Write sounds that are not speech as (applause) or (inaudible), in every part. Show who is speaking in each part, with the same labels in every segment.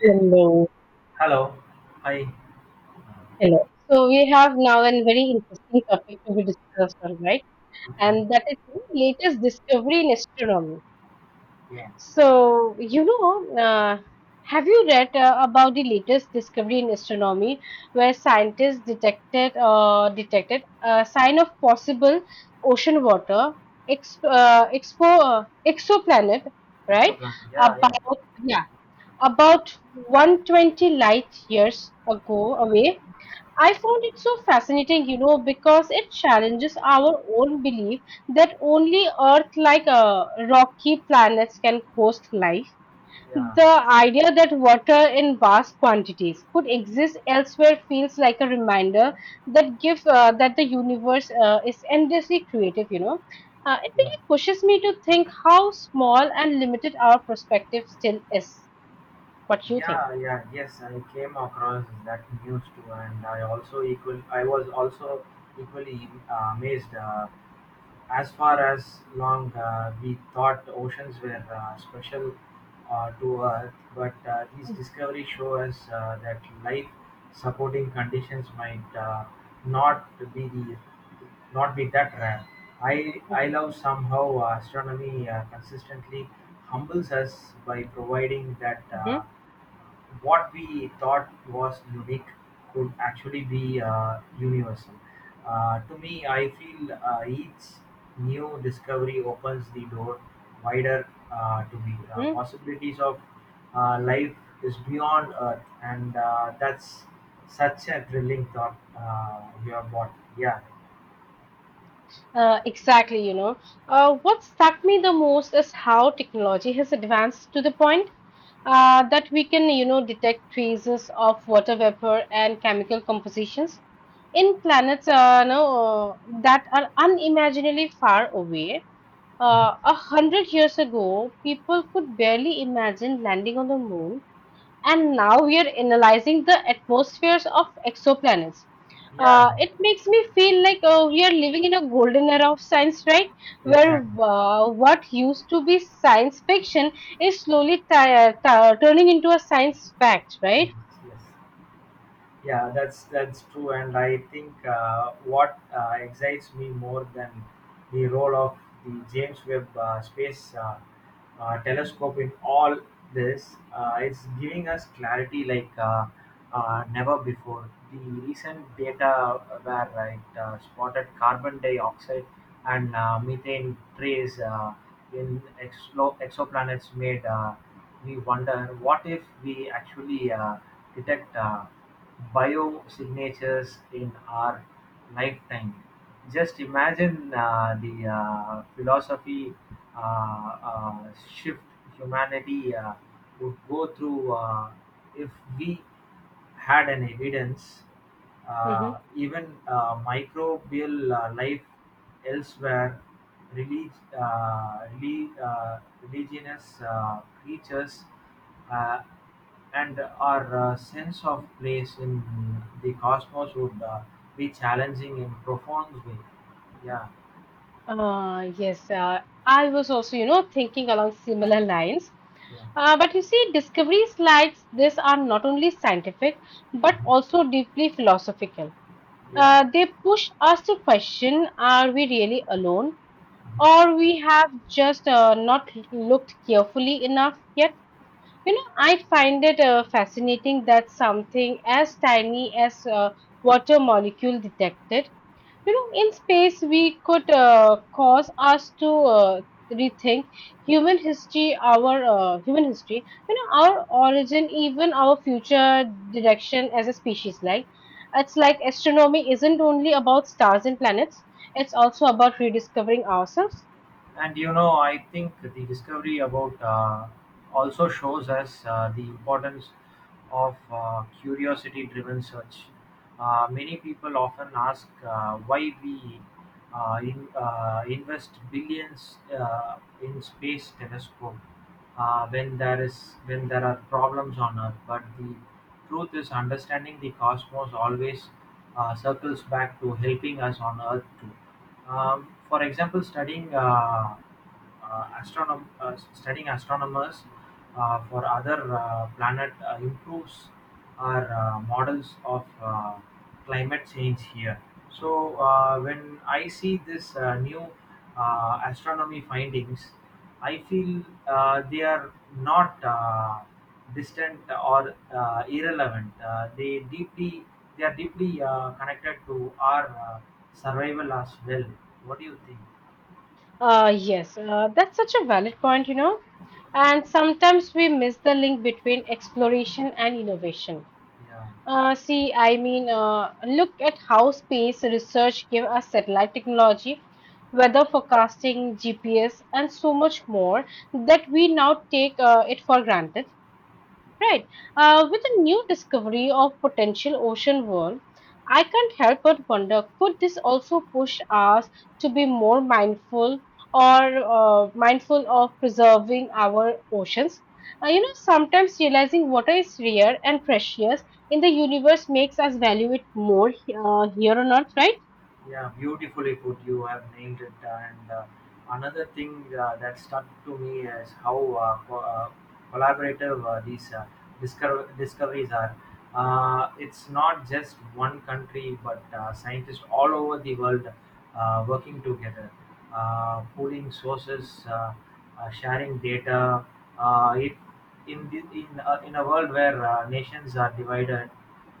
Speaker 1: Hello.
Speaker 2: Hello. Hi.
Speaker 1: Hello. So we have now a very interesting topic to be discussed, all right?
Speaker 2: Okay.
Speaker 1: And that is the latest discovery in astronomy.
Speaker 2: Yeah.
Speaker 1: So have you read about the latest discovery in astronomy, where scientists detected a sign of possible ocean water ex expo exoplanet, right?
Speaker 2: Exoplan. Yeah, yeah,
Speaker 1: About yeah, about 120 light years ago away. I found it so fascinating, you know, because it challenges our own belief that only Earth, rocky planets, can host life.
Speaker 2: yeah.
Speaker 1: The idea that water in vast quantities could exist elsewhere feels like a reminder that the universe is endlessly creative. You know, it
Speaker 2: Yeah.
Speaker 1: really pushes me to think how small and limited our perspective still is. What you think?
Speaker 2: Yeah, yeah. Yes, I came across that news too, and I also equal. I was also equally amazed. As far as long we thought oceans were special to Earth, but these discoveries show us that life supporting conditions might not be the not be that rare. I love somehow astronomy consistently humbles us by providing that what we thought was unique could actually be universal. To me, I feel each new discovery opens the door wider to the
Speaker 1: Hmm.
Speaker 2: possibilities of life is beyond Earth, and that's such a thrilling thought you have brought. Yeah.
Speaker 1: Exactly, you know. What struck me the most is how technology has advanced to the point that we can, you know, detect traces of water vapor and chemical compositions in planets no, that are unimaginably far away.
Speaker 2: Mhm.
Speaker 1: A hundred years ago, people could barely imagine landing on the moon, and now we are analyzing the atmospheres of exoplanets.
Speaker 2: Yeah,
Speaker 1: It makes me feel like we are living in a golden era of science, right? Where
Speaker 2: exactly.
Speaker 1: what used to be science fiction is slowly turning into a science fact, right?
Speaker 2: Yes, yes. Yeah, that's true, and I think what excites me more than the role of the James Webb Space Telescope in all this, it's giving us clarity like never before. The recent data where spotted carbon dioxide and methane trace in exoplanets made me wonder what if we actually detect biosignatures in our lifetime. Just imagine the philosophy shift humanity would go through if we had an evidence,
Speaker 1: Hmm.
Speaker 2: even microbial life elsewhere, relig- uh, relig- uh, religious creatures. Uh, and our sense of place in the cosmos would be challenging in profound way. Yeah.
Speaker 1: Yes, I was also, you know, thinking along similar lines.
Speaker 2: yeah,
Speaker 1: But you see, discoveries like this are not only scientific but
Speaker 2: Mhm.
Speaker 1: also deeply philosophical.
Speaker 2: Yeah.
Speaker 1: They push us to question, are we really alone or we have just not looked carefully enough yet? You know, I find it fascinating that something as tiny as a water molecule detected, you know, in space, we could cause us to rethink human history, you know, our origin, even our future direction as a species. Like, it's like astronomy isn't only about stars and planets; it's also about rediscovering ourselves.
Speaker 2: And you know, I think the discovery about also shows us the importance of curiosity-driven search. Many people often ask why we invest billions in space telescope when there are problems on Earth. But the truth is, understanding the cosmos always circles back to helping us on Earth too, for example, studying studying astronomers for other planet improves our models of climate change here. So when I see this new astronomy findings, I feel they are not distant or irrelevant. They are deeply connected to our survival as well. What do you think?
Speaker 1: Yes, that's such a valid point, you know. And sometimes we miss the link between exploration and innovation.
Speaker 2: Yeah.
Speaker 1: Look at how space research gave us satellite technology, weather forecasting, GPS, and so much more that we now take it for granted. Right. With the new discovery of potential ocean world, I can't help but wonder, could this also push us to be more mindful or mindful of preserving our oceans? You know, sometimes realizing water is rare and precious in the universe makes us value it more here on earth, right?
Speaker 2: Yeah, beautifully put. You have named it. And another thing that stuck to me is how collaborative these discoveries are. It's not just one country, but scientists all over the world working together, pooling sources, sharing data. Uh, it in in a world where nations are divided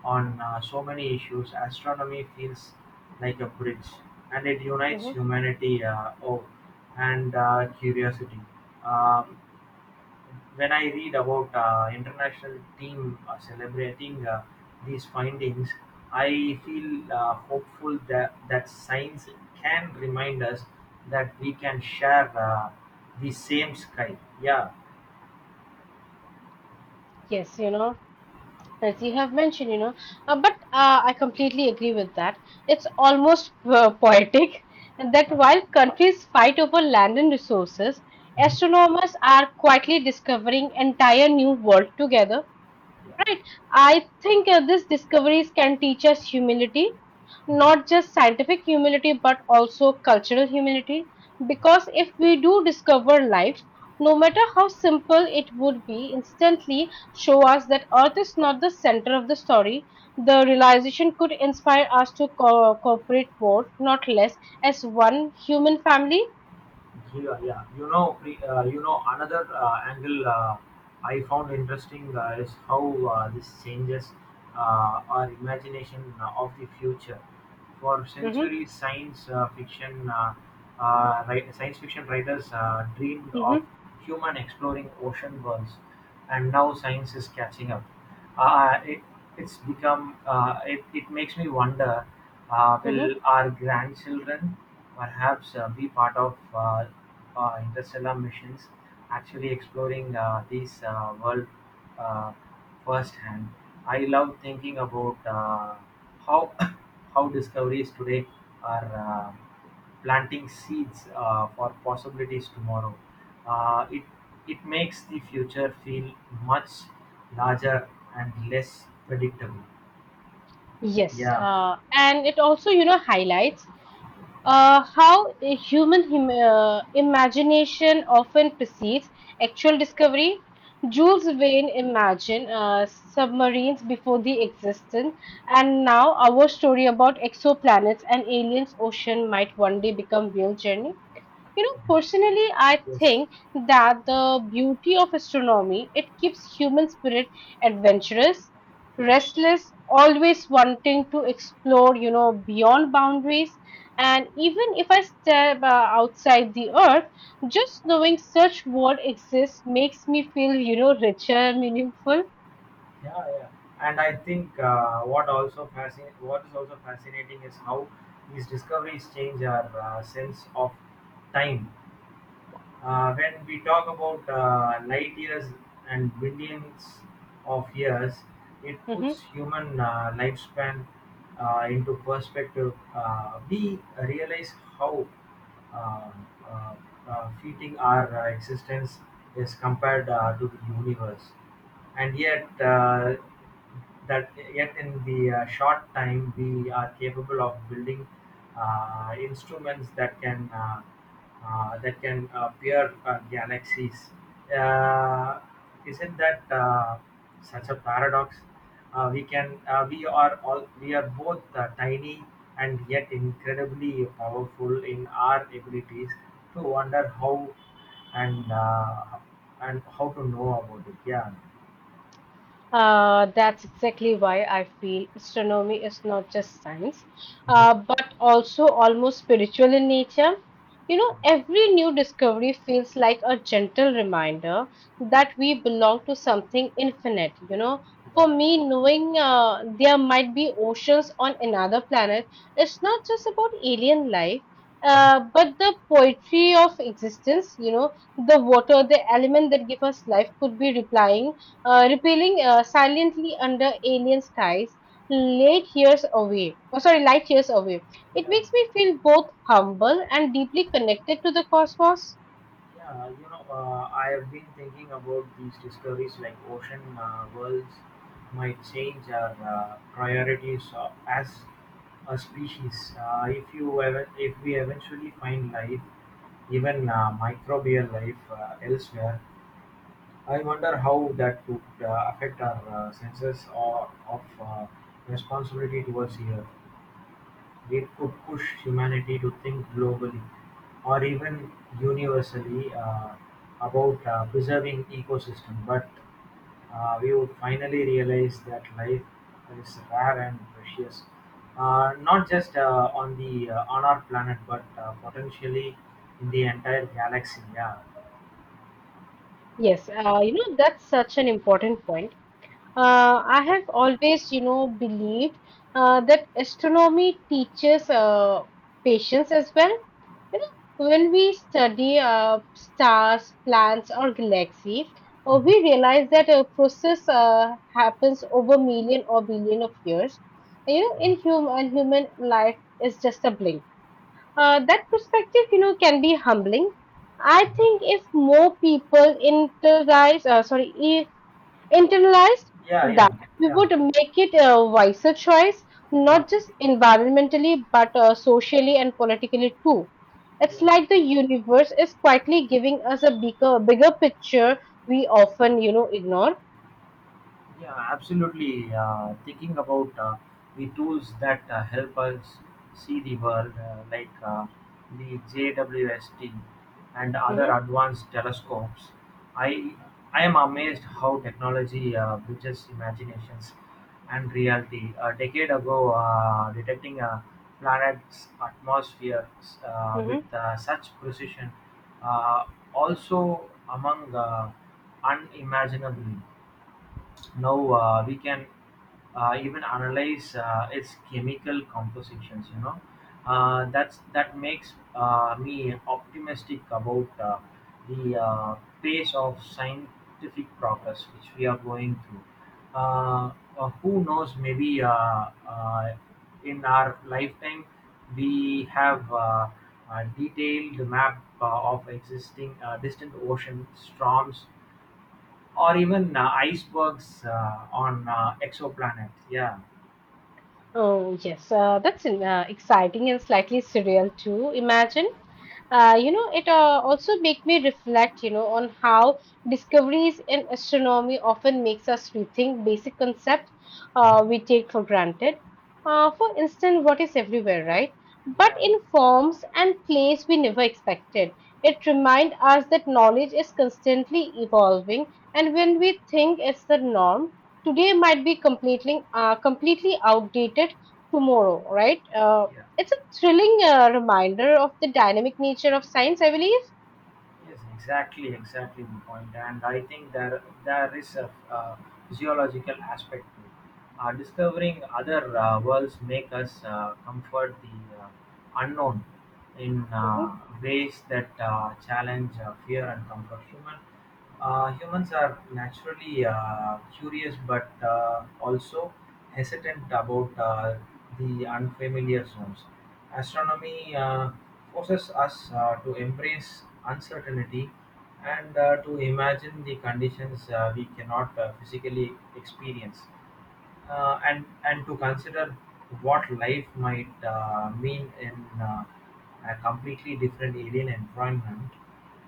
Speaker 2: on so many issues, astronomy feels like a bridge, and it unites
Speaker 1: Hmm.
Speaker 2: humanity awe and curiosity. Um, when I read about international team celebrating these findings, I feel hopeful that science can remind us that we can share the same sky. Yeah.
Speaker 1: Yes, you know. As you have mentioned, you know, but I completely agree with that. It's almost poetic that while countries fight over land and resources,
Speaker 2: Mhm.
Speaker 1: astronomers are quietly discovering entire new world together.
Speaker 2: Yeah.
Speaker 1: Right. I think these discoveries can teach us humility,
Speaker 2: Mhm.
Speaker 1: not just scientific humility, but also cultural humility.
Speaker 2: Yes.
Speaker 1: Because if we do discover life, no matter how simple it would be, instantly show us that Earth is not the center of the story. The realization could inspire us to cooperate more, not less, as one human family.
Speaker 2: Yeah, yeah. Another angle I found interesting is how this changes our imagination of the future. For
Speaker 1: Hmm.
Speaker 2: centuries, science fiction writers dreamed of
Speaker 1: Hmm.
Speaker 2: human exploring ocean worlds, and now science is catching up. Uh, uh, it, it's become it makes me wonder
Speaker 1: Hmm.
Speaker 2: will our grandchildren perhaps be part of interstellar missions actually exploring these world uh, firsthand. I love thinking about how (coughs) how discoveries today are uh, planting seeds for possibilities tomorrow. Uh, it it makes the future feel much larger and less predictable.
Speaker 1: Yes,
Speaker 2: Yeah.
Speaker 1: and it also, you know, highlights how a human imagination often precedes actual discovery. Jules Verne imagined submarines before the existence, and now our story about exoplanets and aliens ocean might one day become real journey. You know, personally, I
Speaker 2: Yes.
Speaker 1: think that the beauty of astronomy, it keeps human spirit adventurous,
Speaker 2: Yeah.
Speaker 1: restless, always wanting to explore, you know, beyond boundaries, and even if I step outside the earth, just knowing such world exists makes me feel, you know, richer, meaningful.
Speaker 2: Yeah. Yeah. And I think what is also fascinating is how these discoveries change our sense of time when we talk about light years and billions of years, it puts
Speaker 1: Mhm.
Speaker 2: human lifespan into perspective. We realize how uh, uh, fleeting our existence is compared to the universe, and yet in the short time we are capable of building instruments that can peer galaxies. Uh, Isn't that such a paradox? We can we are all we are both tiny and yet incredibly powerful in our abilities to wonder how and uh, and how to know about it. Yeah.
Speaker 1: That's exactly why I feel astronomy is not just science,
Speaker 2: Mhm.
Speaker 1: but also almost spiritual in nature. You know, every new discovery feels like a gentle reminder that we belong to something infinite. You know, for
Speaker 2: Yeah.
Speaker 1: me, knowing there might be oceans on another planet, it's not just about alien life. But the poetry of existence, you know, the water, the element that give us life could be replying repealing silently under alien skies, late years away. Oh, sorry, light years away. It
Speaker 2: Yeah,
Speaker 1: makes me feel both humble and deeply connected to the cosmos.
Speaker 2: yeah. I have been thinking about these discoveries like ocean worlds might change our priorities as a species. If you ever, If we eventually find life, even microbial life elsewhere, I wonder how that would affect our senses or of responsibility towards the earth. They could push humanity to think globally, or even universally, about preserving ecosystems, but we would finally realize that life is rare and precious, not just on the on our planet, but potentially in the entire galaxy. Yeah,
Speaker 1: Yes, you know, that's such an important point. I have always, you know, believed that astronomy teaches patience as well. You know, when we study stars, planets, or galaxy, we realize that a process happens over million or billion of years. You know, in human life is just a blink. That perspective, you know, can be humbling. I think if more people internalize, sorry, internalized
Speaker 2: yeah,
Speaker 1: that,
Speaker 2: yeah,
Speaker 1: we
Speaker 2: yeah,
Speaker 1: would make it a wiser choice,
Speaker 2: yeah.
Speaker 1: not just environmentally, but socially and politically too. It's
Speaker 2: Yeah.
Speaker 1: like the universe is quietly giving us a bigger picture we often, you know, ignore.
Speaker 2: Yeah, absolutely. Thinking about the tools that help us see the world, like the JWST and other
Speaker 1: Hmm.
Speaker 2: advanced telescopes, I I am amazed how technology bridges imaginations and reality. A decade ago, detecting a planet's atmosphere
Speaker 1: Hmm.
Speaker 2: with such precision, uh, also among unimaginable. Now we can even analyze its chemical compositions. You know, that makes me optimistic about the pace of scientific progress which we are going through. Who knows? Maybe in our lifetime we have uh, detailed map of existing distant ocean storms or even icebergs on exoplanets. Yeah.
Speaker 1: Oh, yes, that's exciting and slightly surreal too. Imagine. Uh, you know, it also make me reflect, you know, on how discoveries in astronomy often makes us rethink basic concepts
Speaker 2: Mhm.
Speaker 1: we take for granted. For instance, what is everywhere, right? But
Speaker 2: Yeah,
Speaker 1: in forms and place we never expected. It reminds us that knowledge is constantly evolving, and when we think it's the norm, today might be completely outdated tomorrow, right?
Speaker 2: yeah.
Speaker 1: It's a thrilling reminder of the dynamic nature of science, I believe.
Speaker 2: Yes, exactly, exactly the point. And I think there is a physiological aspect to it. Discovering other worlds make us comfort the unknown in
Speaker 1: Mhm.
Speaker 2: ways that challenge fear and comfort. Humans are naturally curious, but also hesitant about the unfamiliar zones. Astronomy forces us to embrace uncertainty and to imagine the conditions we cannot physically experience, and to consider what life might mean in uh, a completely different alien environment.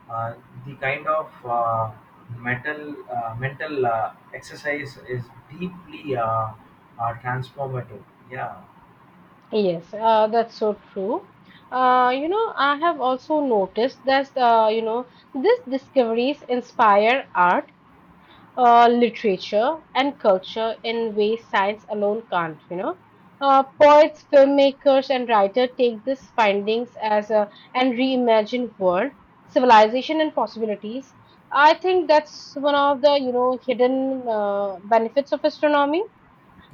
Speaker 2: Uh, the kind of mental exercise is deeply transformative. Yeah.
Speaker 1: Yes, that's so true. You know, I have also noticed that, you know, these discoveries inspire art, literature and culture in ways science alone can't. You know, poets, filmmakers, and writers take these findings as a and reimagine world, civilization, and possibilities. I think that's one of the, you know, hidden benefits of astronomy.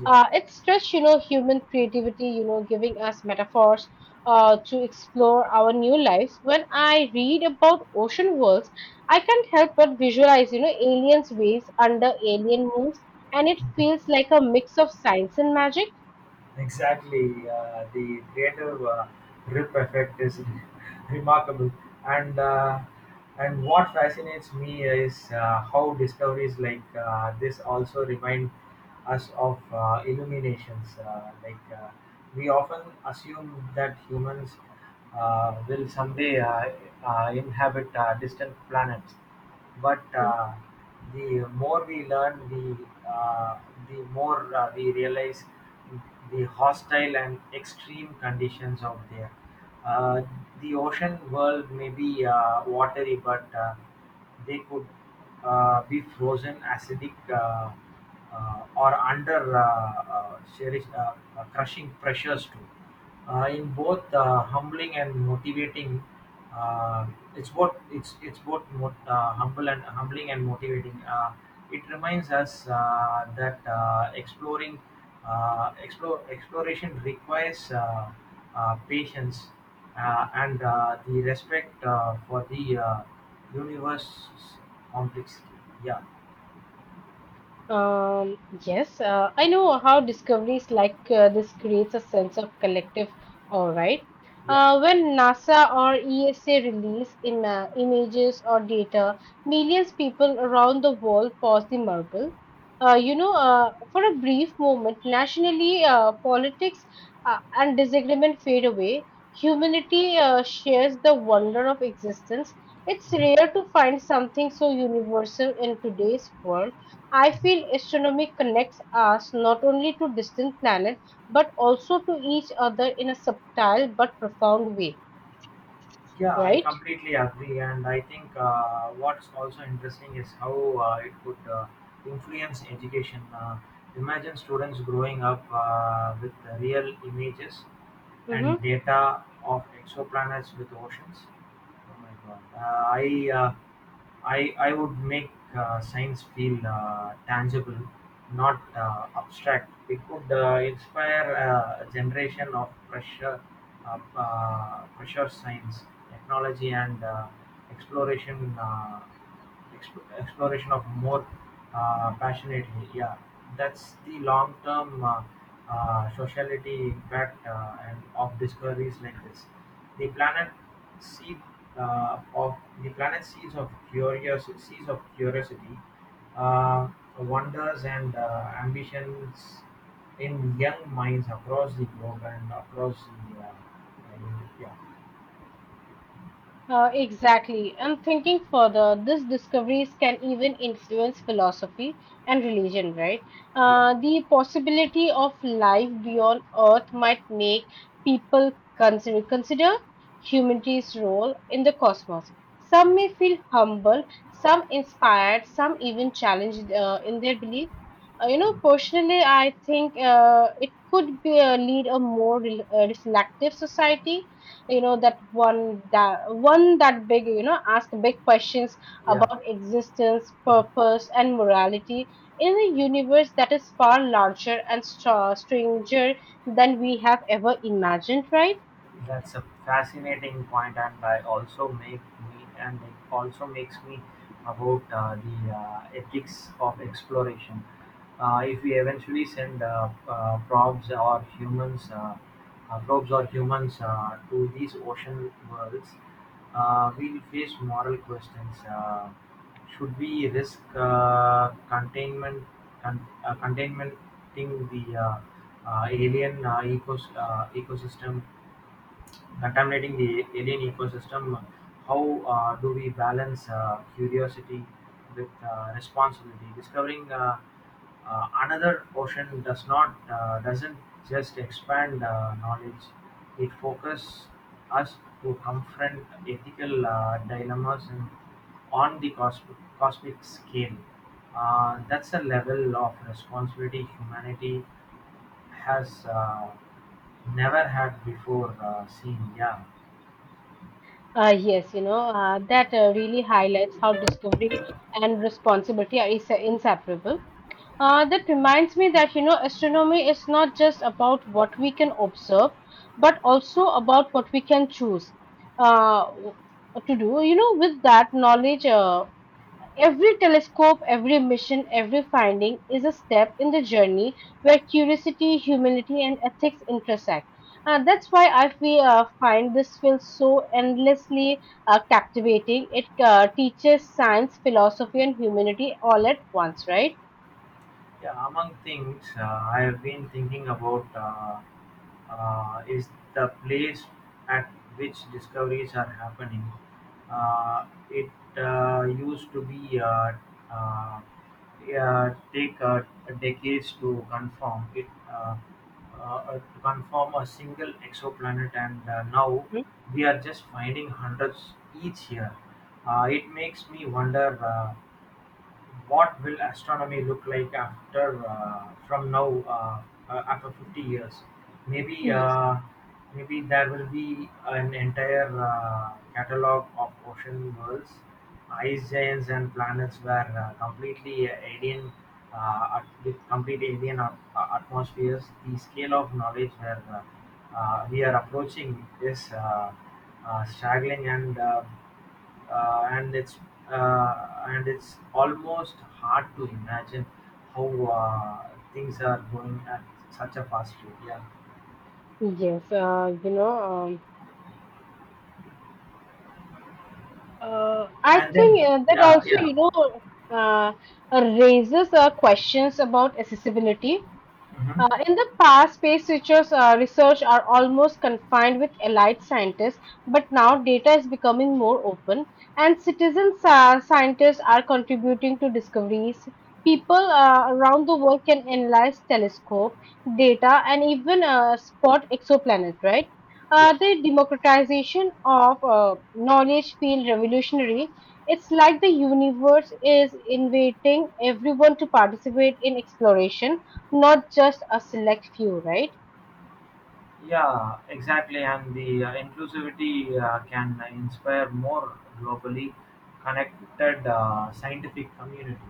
Speaker 1: It's just, you know, human creativity, you know, giving us metaphors to explore our new lives. When I read about ocean worlds, I can't help but visualize, you know, aliens' waves under alien moons, and it feels like a mix of science and magic.
Speaker 2: Exactly, the creative rip effect is (laughs) remarkable, and uh, and what fascinates me is how discoveries like this also remind us of illuminations. Like we often assume that humans will someday inhabit distant planets, but the more we learn, the more we realize the hostile and extreme conditions out there. uh, the ocean world may be watery, but they could be frozen acidic, or under serious, crushing pressures too, in both humbling and motivating. Uh, it's both humble and humbling and motivating. It reminds us that exploring explore exploration requires patience and the respect for the universe's complexity. Yeah.
Speaker 1: Yes, I know how discoveries like this creates a sense of collective, all right.
Speaker 2: Yeah,
Speaker 1: When NASA or ESA release in images or data, millions people around the world pause the marvel. For a brief moment, nationally, politics and disagreement fade away. Humanity shares the wonder of existence. It's rare to find something so universal in today's world. I feel astronomy connects us not only to distant planets but also to each other in a subtle but profound way,
Speaker 2: Yeah, I
Speaker 1: right?
Speaker 2: completely agree, and I think what's also interesting is how it could influence education. Imagine students growing up with the real images
Speaker 1: Hmm.
Speaker 2: and data of exoplanets with oceans. Oh my god. I would make science feel tangible, not abstract. It would inspire a generation of pressure science, technology, and exploration exploration of more passionately. Yeah, that's the long term sociality impact and of discoveries like this. The planet seed of the planet seeds of curious seeds of curiosity, uh, wonders and ambitions in young minds across the globe and across the I mean, yeah.
Speaker 1: Exactly. And thinking further, these discoveries can even influence philosophy and religion, right?
Speaker 2: Yeah,
Speaker 1: The possibility of life beyond Earth might make people consider humanity's role in the cosmos. Some
Speaker 2: yes,
Speaker 1: may feel humble, some inspired, some even challenged in their belief. You know, personally, I think it could be, lead a more reflective society, you know, that one that big, you know, ask big questions
Speaker 2: yeah.
Speaker 1: about existence, purpose and morality in a universe that is far larger and stranger than we have ever imagined, right?
Speaker 2: That's a fascinating point, and I also make me and it also makes me about the ethics of exploration. If we eventually send probes or humans to these ocean worlds, we'll face moral questions. Should we risk containment, con- containmenting the alien ecos- ecosystem contaminating the alien ecosystem. How do we balance curiosity with responsibility? Discovering another ocean doesn't just expand knowledge; it focuses us to confront ethical dilemmas and on the cosmic scale. That's a level of responsibility humanity has never had before seen. Yeah.
Speaker 1: Yes, you know, that really highlights how discovery and responsibility are inseparable. That reminds me that, you know, astronomy is not just about what we can observe, but also about what we can choose uh, to do. You know, with that knowledge, every telescope, every mission, every finding is a step in the journey where curiosity, humility, and ethics intersect. That's why I feel, find this field so endlessly captivating. It teaches science, philosophy, and humanity all at once, right?
Speaker 2: Yeah, among things I have been thinking about is the place at which discoveries are happening. It used to be uh, yeah, take decades to confirm it to confirm a single exoplanet, and now
Speaker 1: Hmm?
Speaker 2: we are just finding hundreds each year. It makes me wonder. What will astronomy look like after from now uh, after 50 years? Maybe
Speaker 1: Yes.
Speaker 2: uh, Maybe there will be an entire catalog of ocean worlds, ice giants, and planets where completely alien. With complete alien atmospheres, the scale of knowledge where we are approaching is staggering and it's and it's almost hard to imagine how things are going at such a fast rate. Yeah,
Speaker 1: Yes, I
Speaker 2: and then
Speaker 1: think that
Speaker 2: yeah,
Speaker 1: also,
Speaker 2: yeah,
Speaker 1: you know, uh, raises questions about accessibility.
Speaker 2: hmm
Speaker 1: In the past, space researchers' research are almost confined with elite scientists, but now data is becoming more open, and citizen scientists are contributing to discoveries. People around the world can analyze telescope data and even spot exoplanet. Right?
Speaker 2: yeah.
Speaker 1: The democratization of knowledge feel revolutionary. It's like the universe is inviting everyone to participate in exploration, not just a select few, right?
Speaker 2: Yeah, exactly. And the inclusivity can inspire more globally connected scientific community.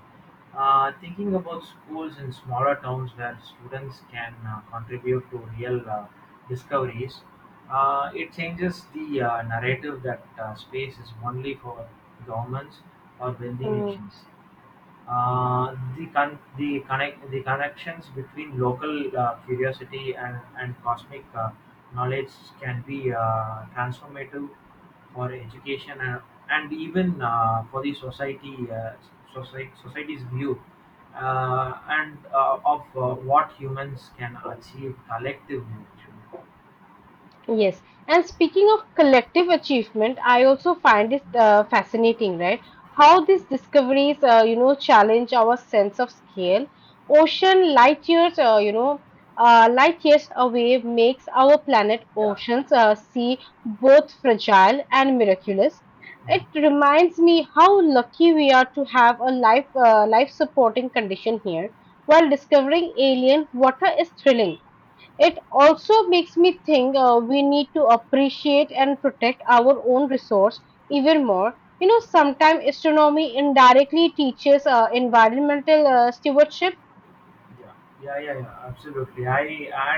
Speaker 2: Thinking about schools in smaller towns where students can contribute to real discoveries. It changes the narrative that space is only for governments or wealthy
Speaker 1: Hmm.
Speaker 2: nations. The con, the connect, the connections between local curiosity and cosmic knowledge can be transformative for education and even for society's view and of what humans can achieve collectively, actually.
Speaker 1: Yes. And speaking of collective achievement, I also find it fascinating, right? How these discoveries, you know, challenge our sense of scale. Ocean light years, light years away makes our planet
Speaker 2: Yeah.
Speaker 1: oceans see both fragile and miraculous. It
Speaker 2: Mhm.
Speaker 1: reminds me how lucky we are to have a life, life supporting condition here. While discovering alien water is thrilling, it also makes me think we need to appreciate and protect our own resource even more. You know, sometimes astronomy indirectly teaches environmental stewardship.
Speaker 2: Yeah, yeah, absolutely. I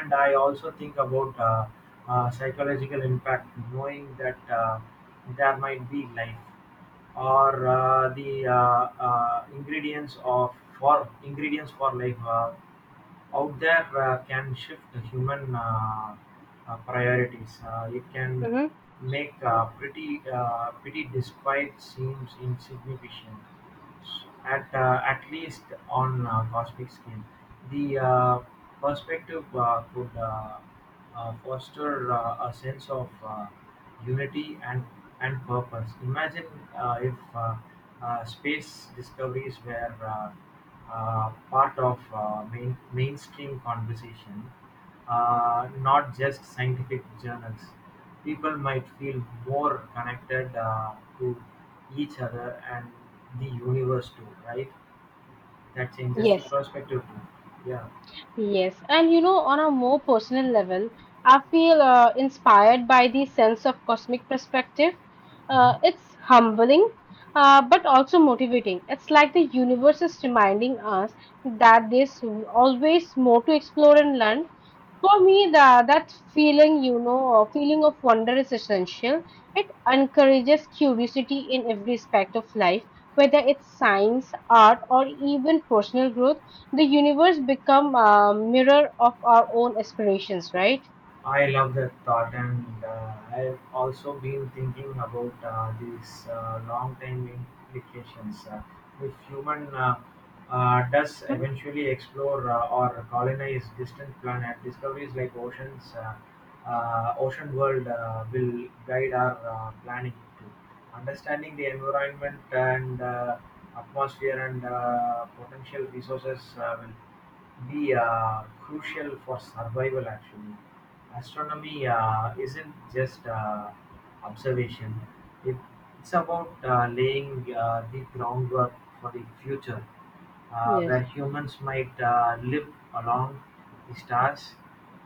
Speaker 2: and I also think about psychological impact, knowing that there might be life or the ingredients for life out there can shift the human priorities. It can
Speaker 1: Hmm.
Speaker 2: make pretty despite seems insignificant at least on a cosmic scale. The perspective could foster a sense of unity and purpose. Imagine if space discoveries were part of mainstream conversation, not just scientific journals. People might feel more connected to each other and the universe too, right? That changes the
Speaker 1: Yes,
Speaker 2: perspective too. Yeah.
Speaker 1: yes. And you know, on a more personal level, I feel inspired by the sense of cosmic perspective.
Speaker 2: Mhm.
Speaker 1: It's humbling, but also motivating. It's like the universe is reminding us that there's always more to explore and learn. For me, the, that feeling, you know, a feeling of wonder is essential. It encourages curiosity in every aspect of life, whether it's science, art, or even personal growth. The universe become a mirror of our own aspirations, right?
Speaker 2: I love that thought, and I've also been thinking about these long-time implications. If human does
Speaker 1: Hmm?
Speaker 2: eventually explore or colonize distant planet, discoveries like ocean world will guide our planning too. Understanding the environment and atmosphere and potential resources will be crucial for survival. Actually, astronomy isn't just observation; it, it's about laying the groundwork for the future, where
Speaker 1: Yes.
Speaker 2: humans might live along the stars.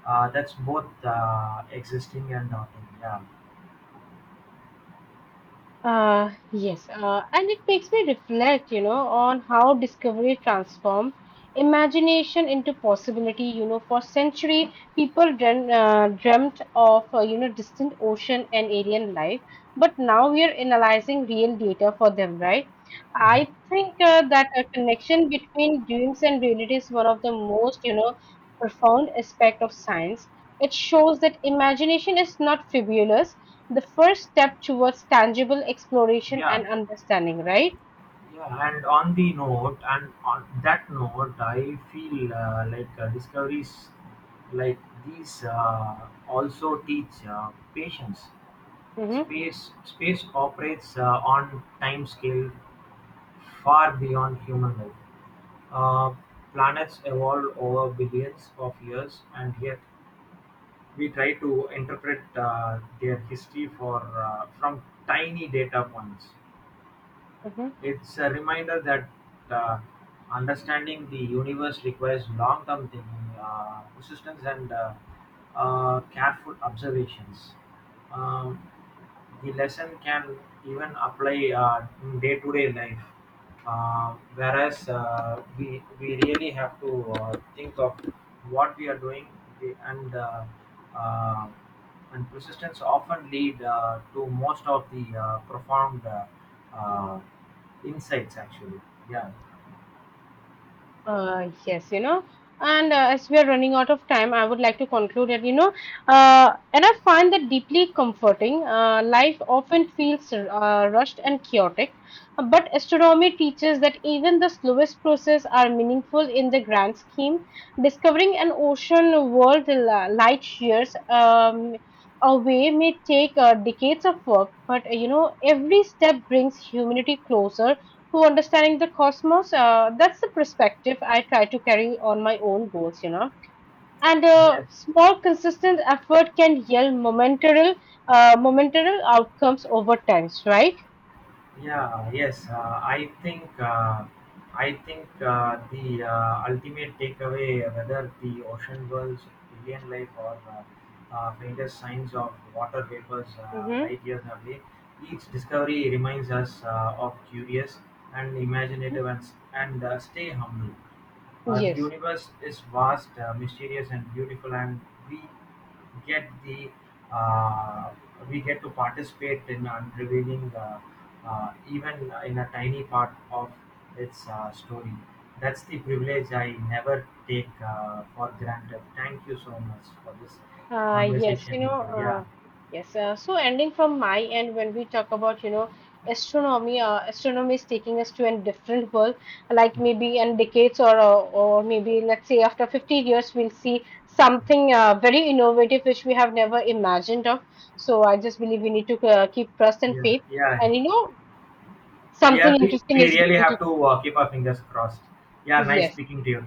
Speaker 2: That's both existing and not. Yeah.
Speaker 1: Yes, and it makes me reflect, you know, on how discovery transformed imagination into possibility. You know, for century, people dream, dreamt of, you know, distant ocean and alien life, but now we are analyzing real data for them, right? I
Speaker 2: Mhm.
Speaker 1: think that a connection between dreams and reality is one of the most, you know, profound aspect of science. It shows that imagination is not frivolous, the first step towards tangible exploration
Speaker 2: Yeah,
Speaker 1: and understanding, right?
Speaker 2: and on that note, I feel like discoveries like these also teach patience.
Speaker 1: Mm-hmm.
Speaker 2: Space operates on time scale far beyond human life. Uh, planets evolve over billions of years, and yet we try to interpret their history for from tiny data points.
Speaker 1: Mm-hmm.
Speaker 2: It's a reminder that uh, understanding the universe requires long term thinking, persistence, and careful observations. Um, the lesson can even apply in day to day life. We really have to think of what we are doing the- and uh, uh, and persistence often lead to most of the profound uh, insights, actually. Yeah.
Speaker 1: Yes, you know, and as we are running out of time, I would like to conclude that, you know, and I find that deeply comforting. Life often feels rushed and chaotic, but astronomy teaches that even the slowest process are meaningful in the grand scheme. Discovering an ocean world light years away may take decades of work, but, you know, every step brings humanity closer to understanding the cosmos. That's the perspective I try to carry on my own goals, you know. And
Speaker 2: Yes.
Speaker 1: small, consistent effort can yield momentary outcomes over times, right?
Speaker 2: Yeah. Yes. I think the ultimate takeaway, whether the ocean worlds, alien life, or faintest signs of water vapors
Speaker 1: Mm-hmm.
Speaker 2: light years away, each discovery reminds us of curious and imaginative and stay humble. The
Speaker 1: Yes.
Speaker 2: universe is vast, mysterious, and beautiful, and we get the uh, we get to participate in unrevealing even in a tiny part of its story. That's the privilege I never take for granted. Thank you so much for this conversation with you. Yeah,
Speaker 1: Yes. So ending from my end, when we talk about, you know, astronomy is taking us to a different world. Like maybe in decades or maybe let's say after 50 years, we'll see something very innovative which we have never imagined of. So I just believe we need to keep trust and
Speaker 2: yeah,
Speaker 1: faith,
Speaker 2: yeah,
Speaker 1: and you know,
Speaker 2: yeah.
Speaker 1: something
Speaker 2: We
Speaker 1: interesting
Speaker 2: we
Speaker 1: is
Speaker 2: really
Speaker 1: going
Speaker 2: have
Speaker 1: to.
Speaker 2: to keep our fingers crossed. Yeah, nice
Speaker 1: Yes.
Speaker 2: speaking to you.